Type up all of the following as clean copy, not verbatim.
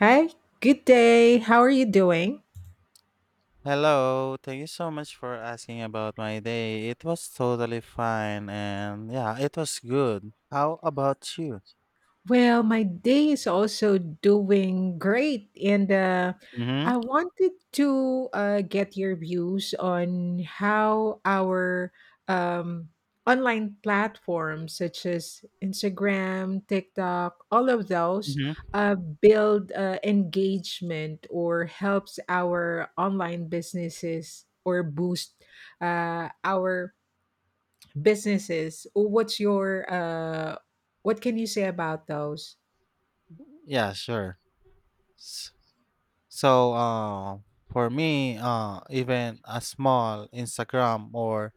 Hi, good day. How are you doing? Hello, thank you so much for asking about my day. It was totally fine and yeah, it was good. How about you? Well, my day is also doing great, and Mm-hmm. I wanted to get your views on how our um, online platforms, such as Instagram, TikTok, all of those, Mm-hmm. Build engagement or helps our online businesses or boost our businesses. What can you say about those? Yeah, sure. S- So, uh, for me, even a small Instagram or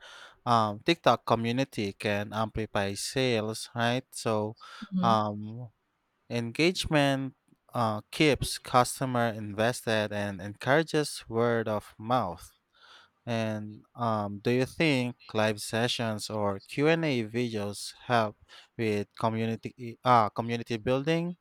TikTok community can amplify sales, right? So, Mhm. um, engagement keeps customer invested and encourages word of mouth. And do you think live sessions or Q&A videos help with community community building?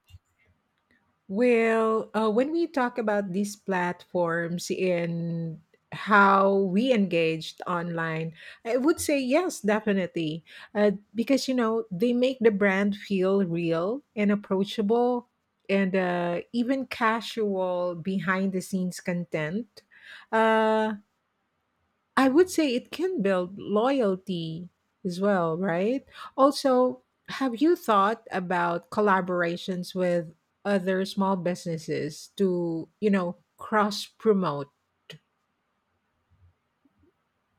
Well, when we talk about these platforms and how we engaged online, I would say yes, definitely. Because, they make the brand feel real and approachable and even casual behind the scenes content. Uh, I would say it can build loyalty as well, right? Also, have you thought about collaborations with other small businesses to cross promote?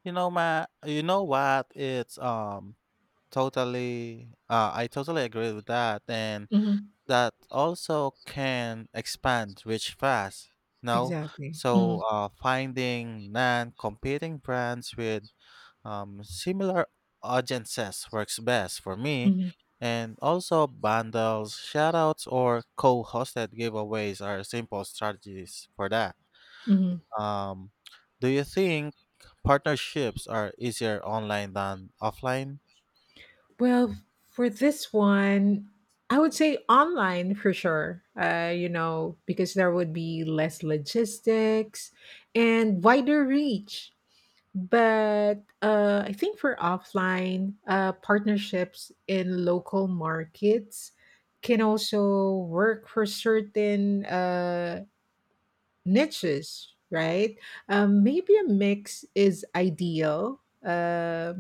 You know, ma, you know what? It's totally. I totally agree with that, and Mhm. that also can expand reach fast. No, Exactly. Mhm, so finding non-competing brands with similar audiences works best for me, mhm, and also bundles, shoutouts, or co-hosted giveaways are simple strategies for that. mhm. Um, do you think partnerships are easier online than offline? Well, for this one, I would say online for sure. Because there would be less logistics and wider reach. But I think for offline, partnerships in local markets can also work for certain niches, right? Maybe a mix is ideal.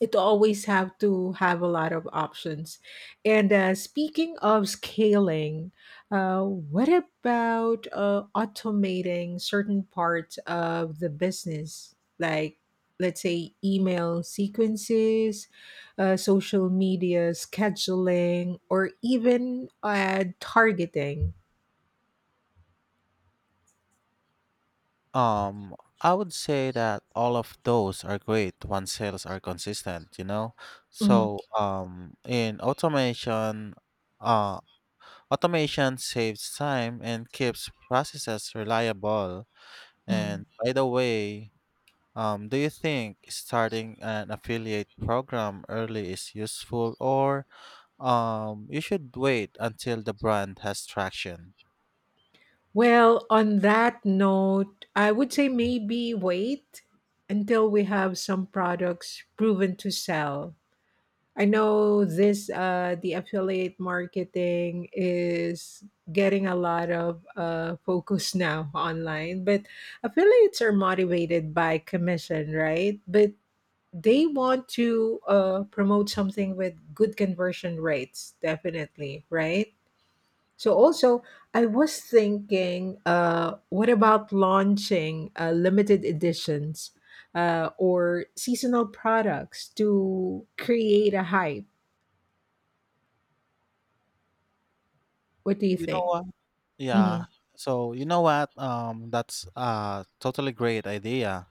It always have to have a lot of options. And speaking of scaling, what about automating certain parts of the business, like let's say email sequences, social media scheduling, or even targeting? Um, I would say that all of those are great when sales are consistent, you know? Mhm. So, in automation, uh, automation saves time and keeps processes reliable. And by the way, do you think starting an affiliate program early is useful or you should wait until the brand has traction? Well, on that note, I would say maybe wait until we have some products proven to sell. I know this the affiliate marketing is getting a lot of focus now online, but affiliates are motivated by commission, right? But they want to promote something with good conversion rates, definitely, right? So also, I was thinking, what about launching limited editions or seasonal products to create a hype? What do you You know think? what? Hmm. Yeah. So you know what? That's a totally great idea.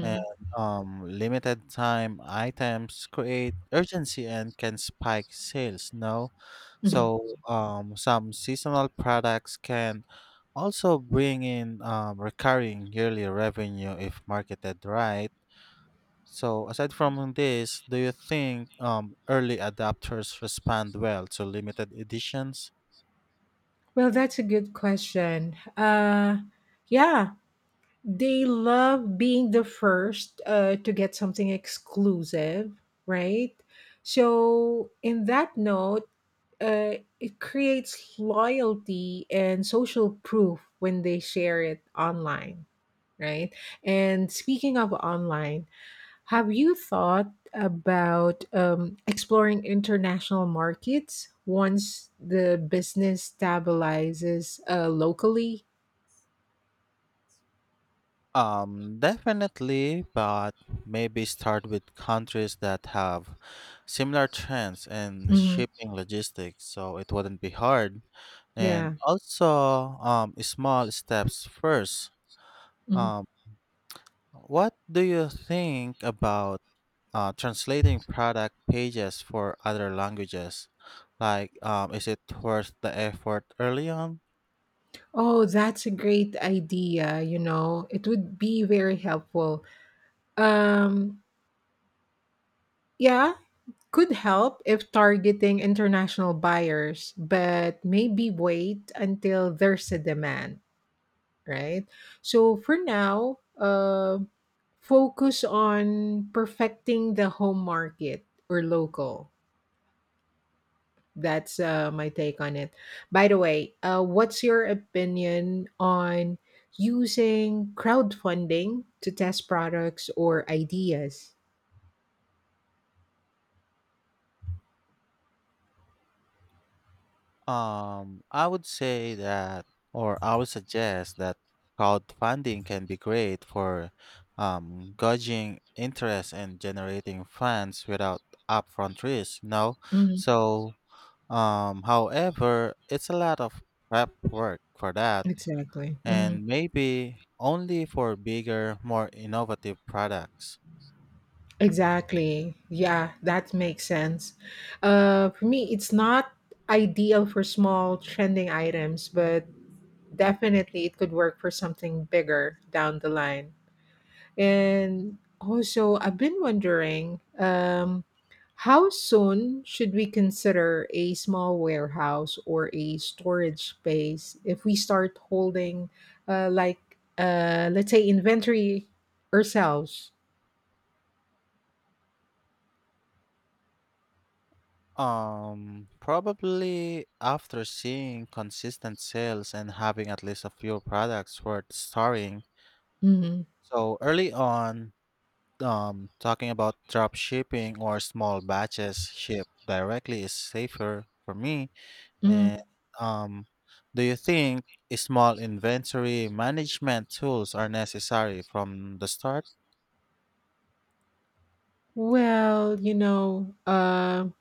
And limited time items create urgency and can spike sales. No, Hmm. so some seasonal products can also bring in recurring yearly revenue if marketed right. So aside from this, do you think early adopters respond well to limited editions? Well, that's a good question. Yeah, they love being the first to get something exclusive, right? So, in that note, it creates loyalty and social proof when they share it online, right? And speaking of online, have you thought about exploring international markets once the business stabilizes locally? Definitely, but maybe start with countries that have similar trends and Mhm. shipping logistics, so it wouldn't be hard. And Yeah. also, small steps first. Mhm. Um, what do you think about translating product pages for other languages? Like, is it worth the effort early on? Oh, that's a great idea. It would be very helpful. Um, yeah, could help if targeting international buyers, but maybe wait until there's a demand, right? So for now, focus on perfecting the home market or local. That's my take on it. By the way, what's your opinion on using crowdfunding to test products or ideas? I would say that, or I would suggest that crowdfunding can be great for gauging interest and generating funds without upfront risk, you know? Mhm, So, however, it's a lot of prep work for that, exactly. Mhm. and maybe only for bigger, more innovative products. Exactly. Yeah, that makes sense. For me, it's not ideal for small trending items, but definitely it could work for something bigger down the line. And also, I've been wondering how soon should we consider a small warehouse or a storage space if we start holding, like, let's say, inventory ourselves? Probably after seeing consistent sales and having at least a few products worth starting. Hmm. So early on, talking about drop shipping or small batches shipped directly is safer for me. Hmm. And um, do you think small inventory management tools are necessary from the start? Well,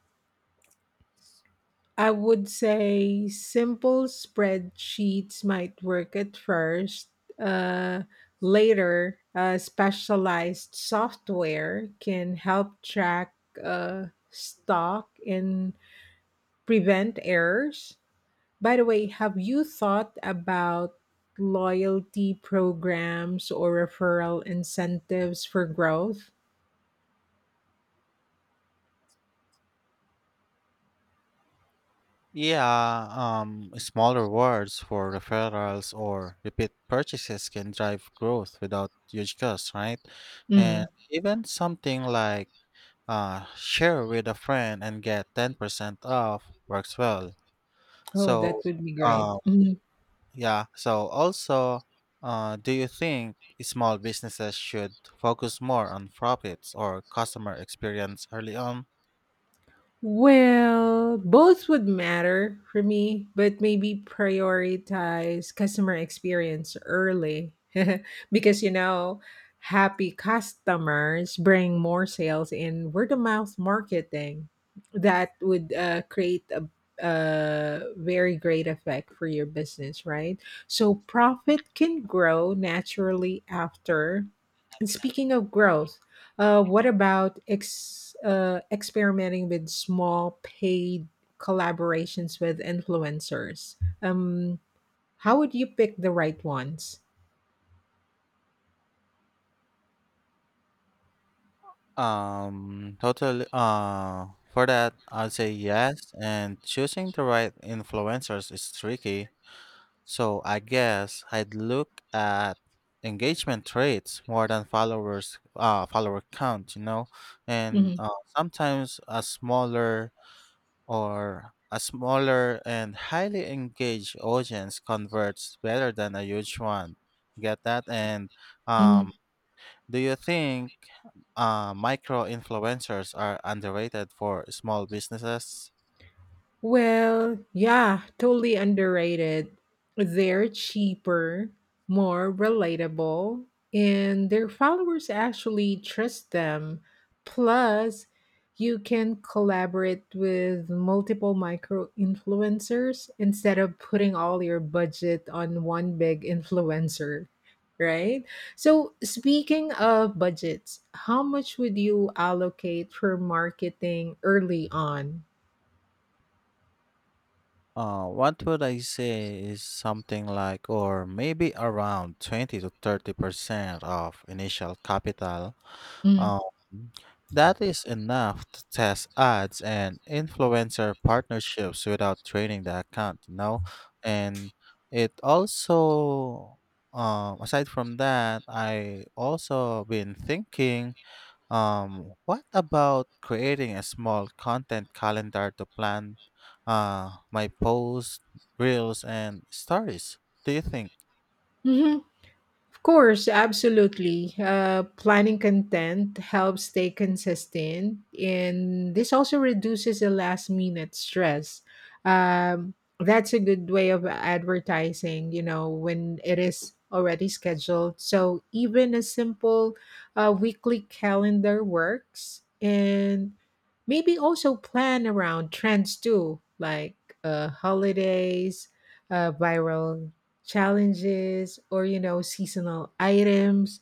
I would say simple spreadsheets might work at first. Uh, Later, specialized software can help track stock and prevent errors. By the way, have you thought about loyalty programs or referral incentives for growth? Yeah, smaller rewards for referrals or repeat purchases can drive growth without huge costs, right? And Mhm. even something like share with a friend and get 10% off works well. Oh, So, that would be great. uh, Mm-hmm. yeah, so also, do you think small businesses should focus more on profits or customer experience early on? Well, both would matter for me, but maybe prioritize customer experience early because happy customers bring more sales in word of mouth marketing. That would create a very great effect for your business, right? So profit can grow naturally after. And speaking of growth, what about experimenting with small paid collaborations with influencers? Um, how would you pick the right ones? Totally. For that, I'd say yes, and choosing the right influencers is tricky. So I guess I'd look at engagement traits more than followers, follower count, you know, and Hmm. Sometimes a smaller or a smaller and highly engaged audience converts better than a huge one. Get that? And um, do you think micro influencers are underrated for small businesses? Well, yeah, totally underrated. They're cheaper, more relatable, and their followers actually trust them. Plus, you can collaborate with multiple micro influencers instead of putting all your budget on one big influencer, right? So, speaking of budgets, how much would you allocate for marketing early on? What would I say is something like, or maybe around 20 to 30% of initial capital. Mm. Uh, that is enough to test ads and influencer partnerships without draining the account, you know? And it also, aside from that, I also been thinking what about creating a small content calendar to plan my posts, reels, and stories? Do you think? Of course, absolutely. Planning content helps stay consistent, and this also reduces the last minute stress. Um, that's a good way of advertising, when it is already scheduled. So even a simple weekly calendar works, and maybe also plan around trends too, like holidays, viral challenges or seasonal items,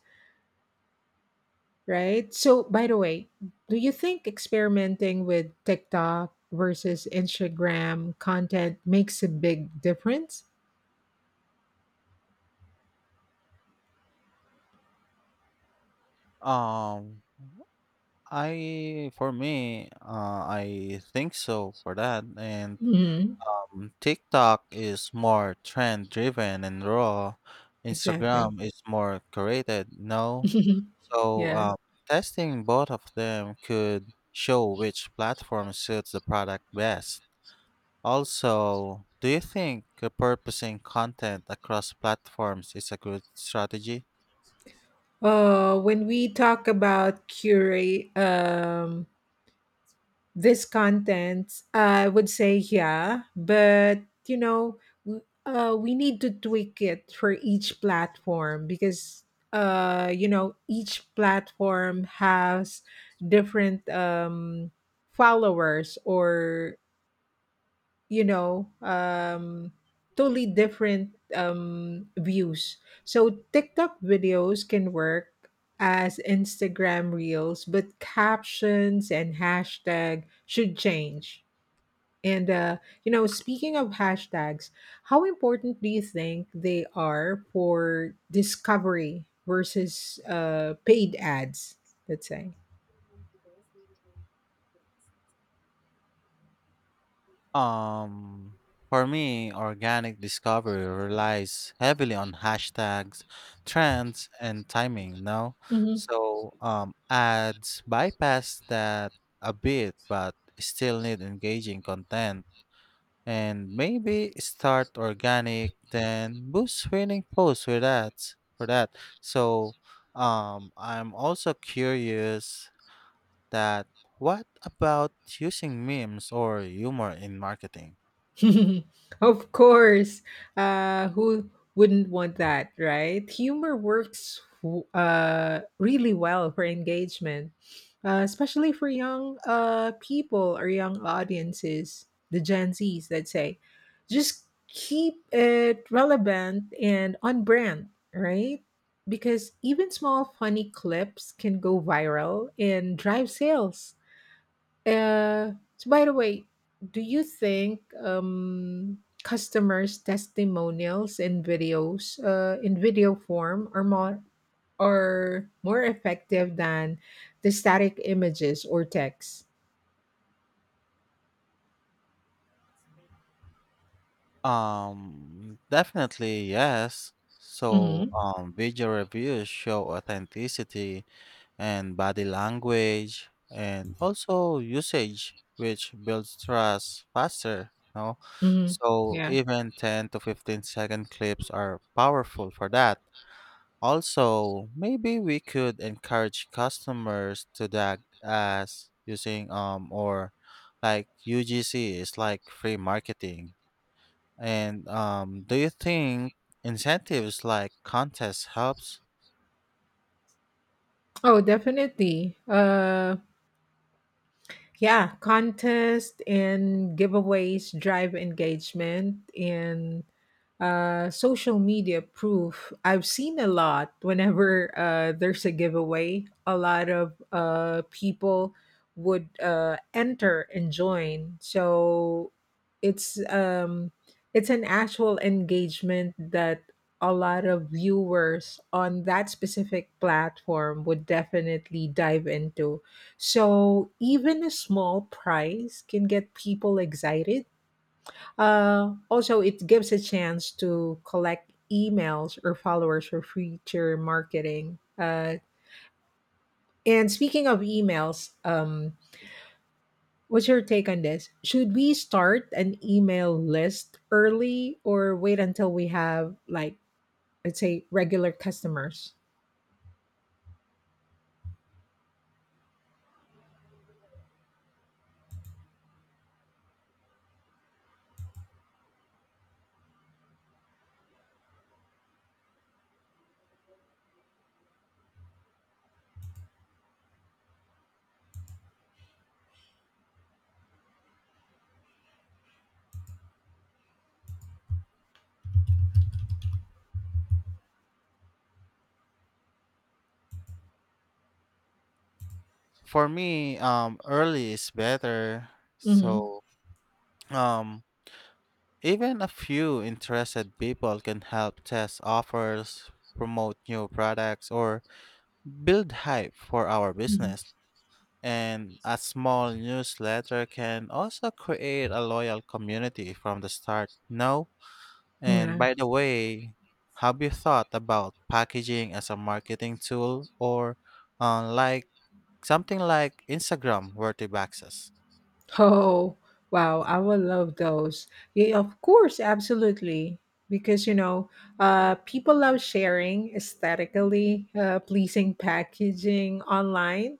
right? So, by the way, do you think experimenting with TikTok versus Instagram content makes a big difference? Um, I for me, I think so for that. And Hmm. TikTok is more trend driven and raw. Exactly. Instagram is more curated. No, so Yeah. Testing both of them could show which platform suits the product best. Also, do you think repurposing content across platforms is a good strategy? When we talk about curate this content, I would say yeah, but you know we need to tweak it for each platform because each platform has different followers, or you know um totally different views. So TikTok videos can work as Instagram reels, but captions and hashtag should change. And speaking of hashtags, how important do you think they are for discovery versus paid ads, let's say? Um, for me, organic discovery relies heavily on hashtags, trends, and timing, no? So, ads bypass that a bit, but still need engaging content. And maybe start organic then boost winning posts with that for that. So I'm also curious that what about using memes or humor in marketing? Of course. Who wouldn't want that, right? Humor works really well for engagement, especially for young people or young audiences, the Gen Zs, let's say. Just keep it relevant and on brand, right? Because even small funny clips can go viral and drive sales. So, by the way, do you think customers' testimonials in videos, in video form, are more effective than the static images or text? Definitely yes. So Mm-hmm. Video reviews show authenticity and body language and also usage, which builds trust faster, no? Mm-hmm. So Yeah. even 10 to 15 second clips are powerful for that. Also, maybe we could encourage customers to tag as using or like UGC is like free marketing. And do you think incentives like contests helps? Oh, definitely. Yeah, contests and giveaways drive engagement and social media proof. I've seen a lot whenever there's a giveaway, a lot of people would enter and join. So it's um, it's an actual engagement that a lot of viewers on that specific platform would definitely dive into. So even a small prize can get people excited. Also, it gives a chance to collect emails or followers for future marketing. And speaking of emails, what's your take on this? Should we start an email list early or wait until we have, like, I'd say, regular customers. For me, early is better. Mhm. So, um, even a few interested people can help test offers, promote new products, or build hype for our Mhm. business. And a small newsletter can also create a loyal community from the start. No? And Yeah. by the way, have you thought about packaging as a marketing tool or like something like Instagram worthy boxes? Oh, wow. I will love those. Yeah, of course, absolutely. Because, people love sharing aesthetically pleasing packaging online.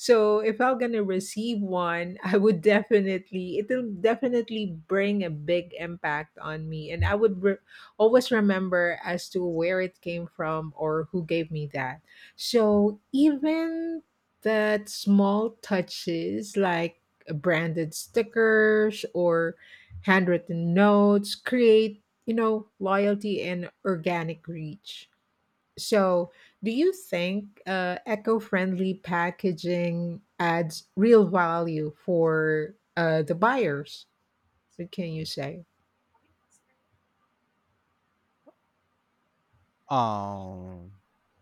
So if I'm going to receive one, it'll definitely bring a big impact on me. And I would always remember as to where it came from or who gave me that. So even that small touches like branded stickers or handwritten notes create loyalty and organic reach. So do you think eco-friendly packaging adds real value for the buyers? What can you say? Um,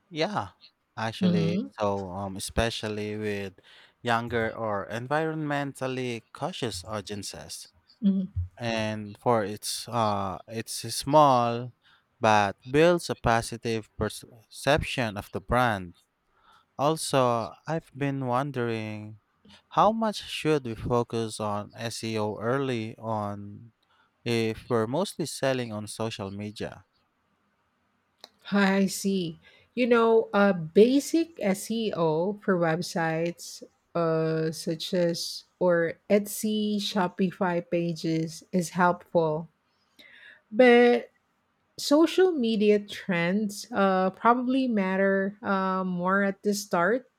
yeah, actually, Hmm. so especially with younger or environmentally cautious audiences, and for its it's small, but builds a positive perception of the brand. Also, I've been wondering how much should we focus on SEO early on if we're mostly selling on social media. I see. Basic SEO for websites such as or Etsy, Shopify pages is helpful, but social media trends probably matter more at the start.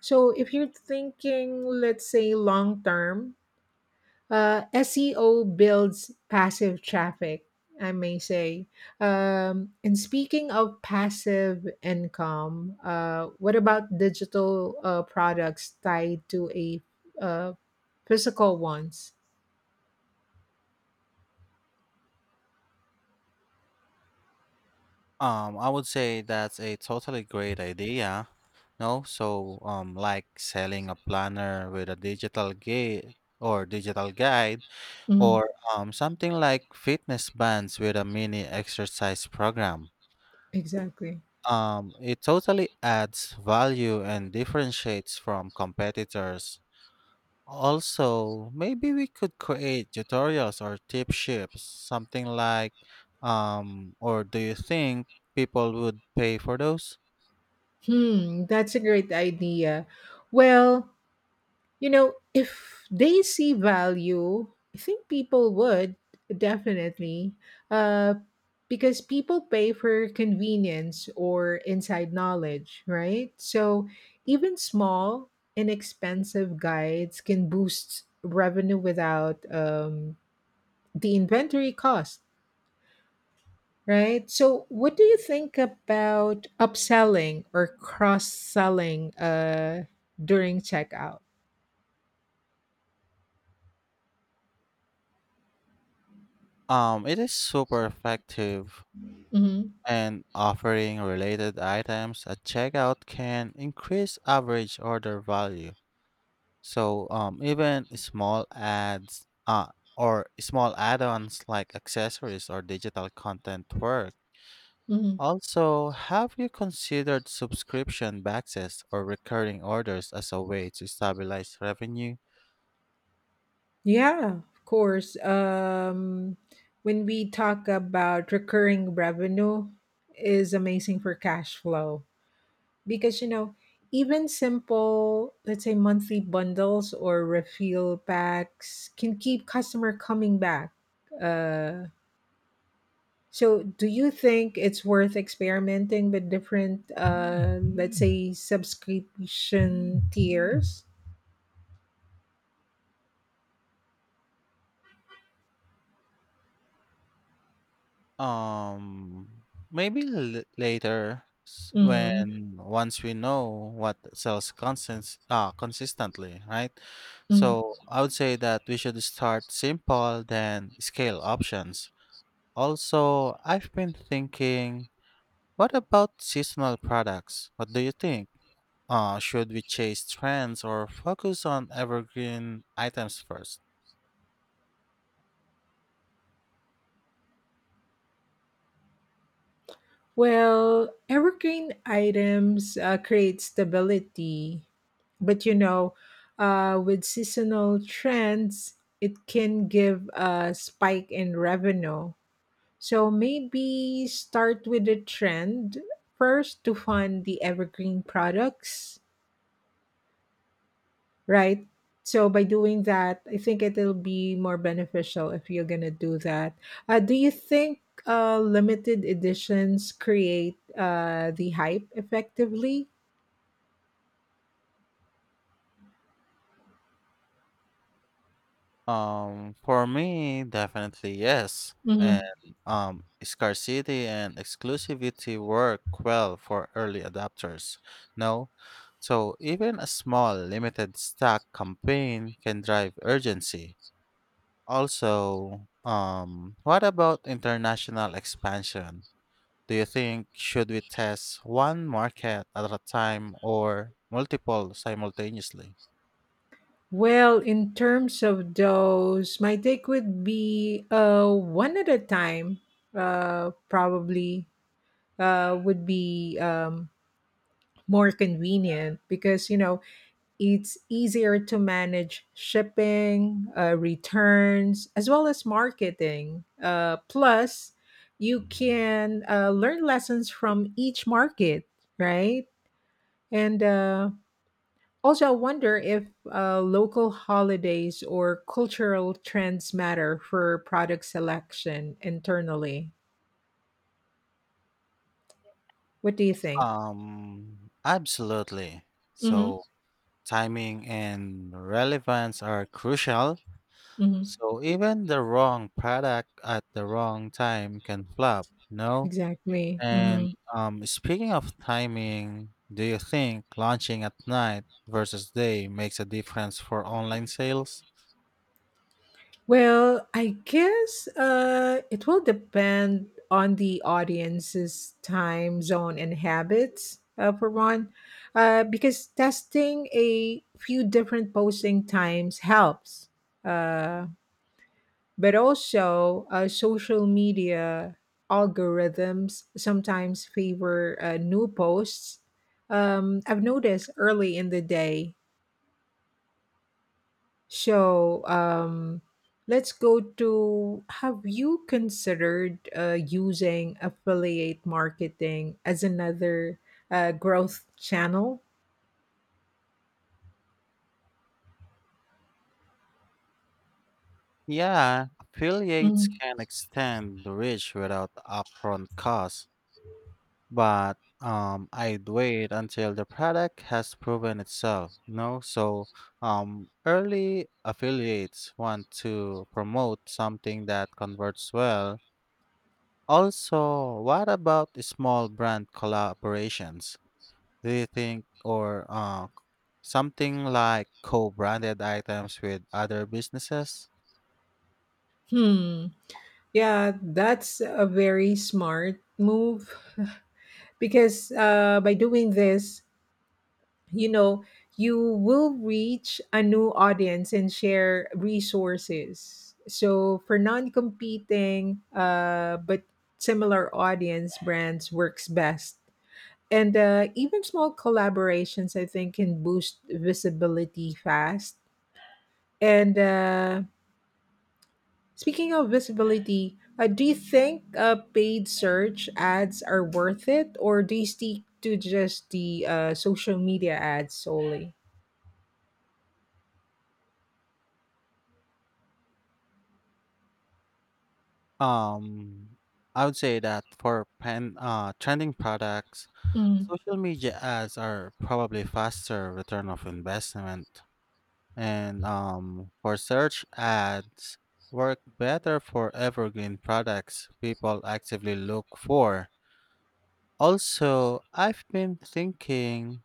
So if you're thinking, let's say, long term, SEO builds passive traffic, I may say. And speaking of passive income, what about digital products tied to a uh, physical ones? I would say that's a totally great idea. No, so like selling a planner with a digital guide, Mhm, or something like fitness bands with a mini exercise program. exactly. It totally adds value and differentiates from competitors. Also, maybe we could create tutorials or tip sheets, something like, or do you think people would pay for those? Hmm, that's a great idea. Well, if they see value, I think people would definitely, uh, because people pay for convenience or inside knowledge, right? So even small, inexpensive guides can boost revenue without the inventory cost, right? So, what do you think about upselling or cross selling during checkout? It is super effective, Mm-hmm. and offering related items at checkout can increase average order value. So, even small ads, or small add-ons like accessories or digital content work. Mm-hmm. Also, have you considered subscription boxes or recurring orders as a way to stabilize revenue? Yeah, of course. When we talk about recurring revenue is amazing for cash flow because even simple, let's say, monthly bundles or refill packs can keep customer coming back. Uh, so do you think it's worth experimenting with different let's say subscription tiers? Um, Maybe Mm-hmm. when once we know what consistently, right? Mm-hmm. So I would say that we should start simple, then scale options. Also, I've been thinking, what about seasonal products? What do you think? Should we chase trends or focus on evergreen items first? Well, evergreen items create stability, but with seasonal trends, it can give a spike in revenue. So maybe start with a trend first to fund the evergreen products, right? So by doing that, I think it'll be more beneficial if you're gonna do that. Do you think limited editions create the hype effectively? For me, definitely yes. And Hmm. Scarcity and exclusivity work well for early adopters. No? So even a small limited stock campaign can drive urgency. Also, what about international expansion? Do you think should we test one market at a time or multiple simultaneously? Well, in terms of those, my take would be one at a time, probably would be more convenient because, it's easier to manage shipping, returns, as well as marketing. Plus, you can learn lessons from each market, right? And also, I wonder if local holidays or cultural trends matter for product selection internally. What do you think? Absolutely. Mm-hmm. So timing and relevance are crucial, Mm-hmm. so even the wrong product at the wrong time can flop, no? Exactly. And Mm-hmm. Speaking of timing, do you think launching at night versus day makes a difference for online sales? Well, I guess it will depend on the audience's time zone and habits, for one, because testing a few different posting times helps. Uh, but also, social media algorithms sometimes favor new posts. I've noticed early in the day. So, let's go to have you considered using affiliate marketing as another growth channel? Yeah, affiliates can extend the reach without upfront costs. But I'd wait until the product has proven itself. You know, so early affiliates want to promote something that converts well. Also, what about the small brand collaborations? Do you think, or something like co-branded items with other businesses? Hmm. Yeah, that's a very smart move because by doing this, you know you will reach a new audience and share resources. So for non-competing but similar audience brands works best. And even small collaborations, I think, can boost visibility fast. And speaking of visibility, do you think paid search ads are worth it, or do you stick to just the social media ads solely? Um, I would say that for pen trending products, Mm. social media ads are probably faster return of investment, and for search ads work better for evergreen products people actively look for. Also, I've been thinking,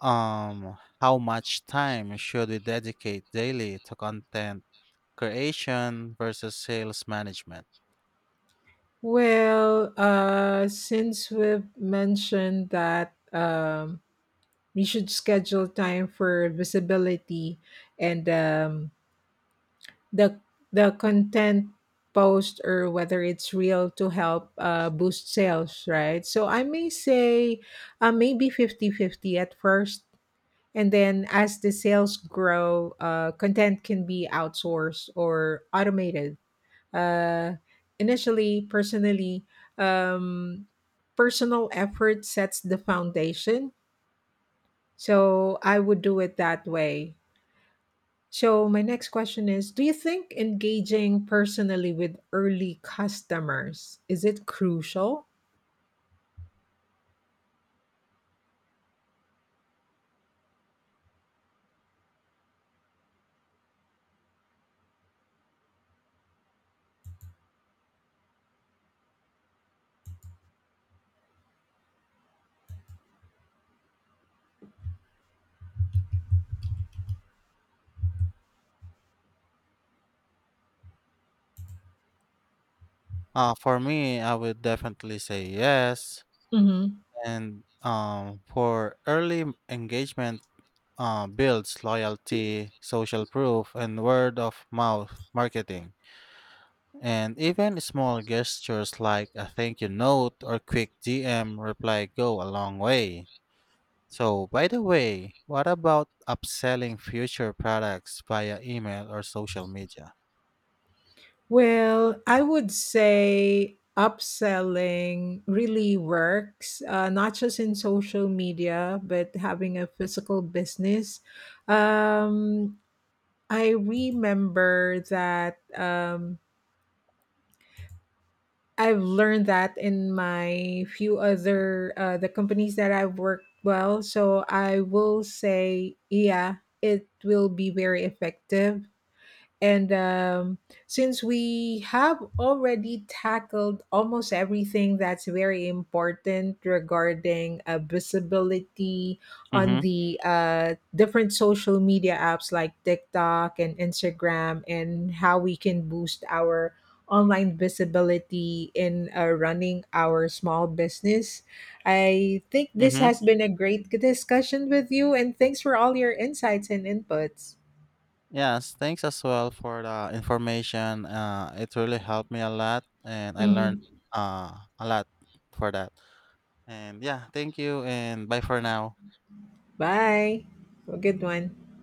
how much time should we dedicate daily to content creation versus sales management? Well, since we've mentioned that we should schedule time for visibility and the the content post or whether it's real to help boost sales, right? So I may say maybe 50-50 at first. And then as the sales grow, content can be outsourced or automated uh, initially, personally, um, personal effort sets the foundation. So I would do it that way. So my next question is, do you think engaging personally with early customers, is it crucial? For me, I would definitely say yes. Mhm. And for engagement, builds loyalty, social proof, and word of mouth marketing. And even small gestures like a thank you note or quick DM reply go a long way. So, by the way, what about upselling future products via email or social media? Well, I would say upselling really works, not just in social media, but having a physical business. Um, I remember that I've learned that in my few other the companies that I've worked well. So I will say, yeah, it will be very effective. And since we have already tackled almost everything that's very important regarding visibility on Mm-hmm. the different social media apps like TikTok and Instagram, and how we can boost our online visibility in running our small business, I think this has been a great discussion with you, and thanks for all your insights and inputs. Yes, thanks as well for the information. It really helped me a lot, and I learned Mhm. uh, a lot for that. And yeah, thank you, and bye for now. Bye. Have a good one.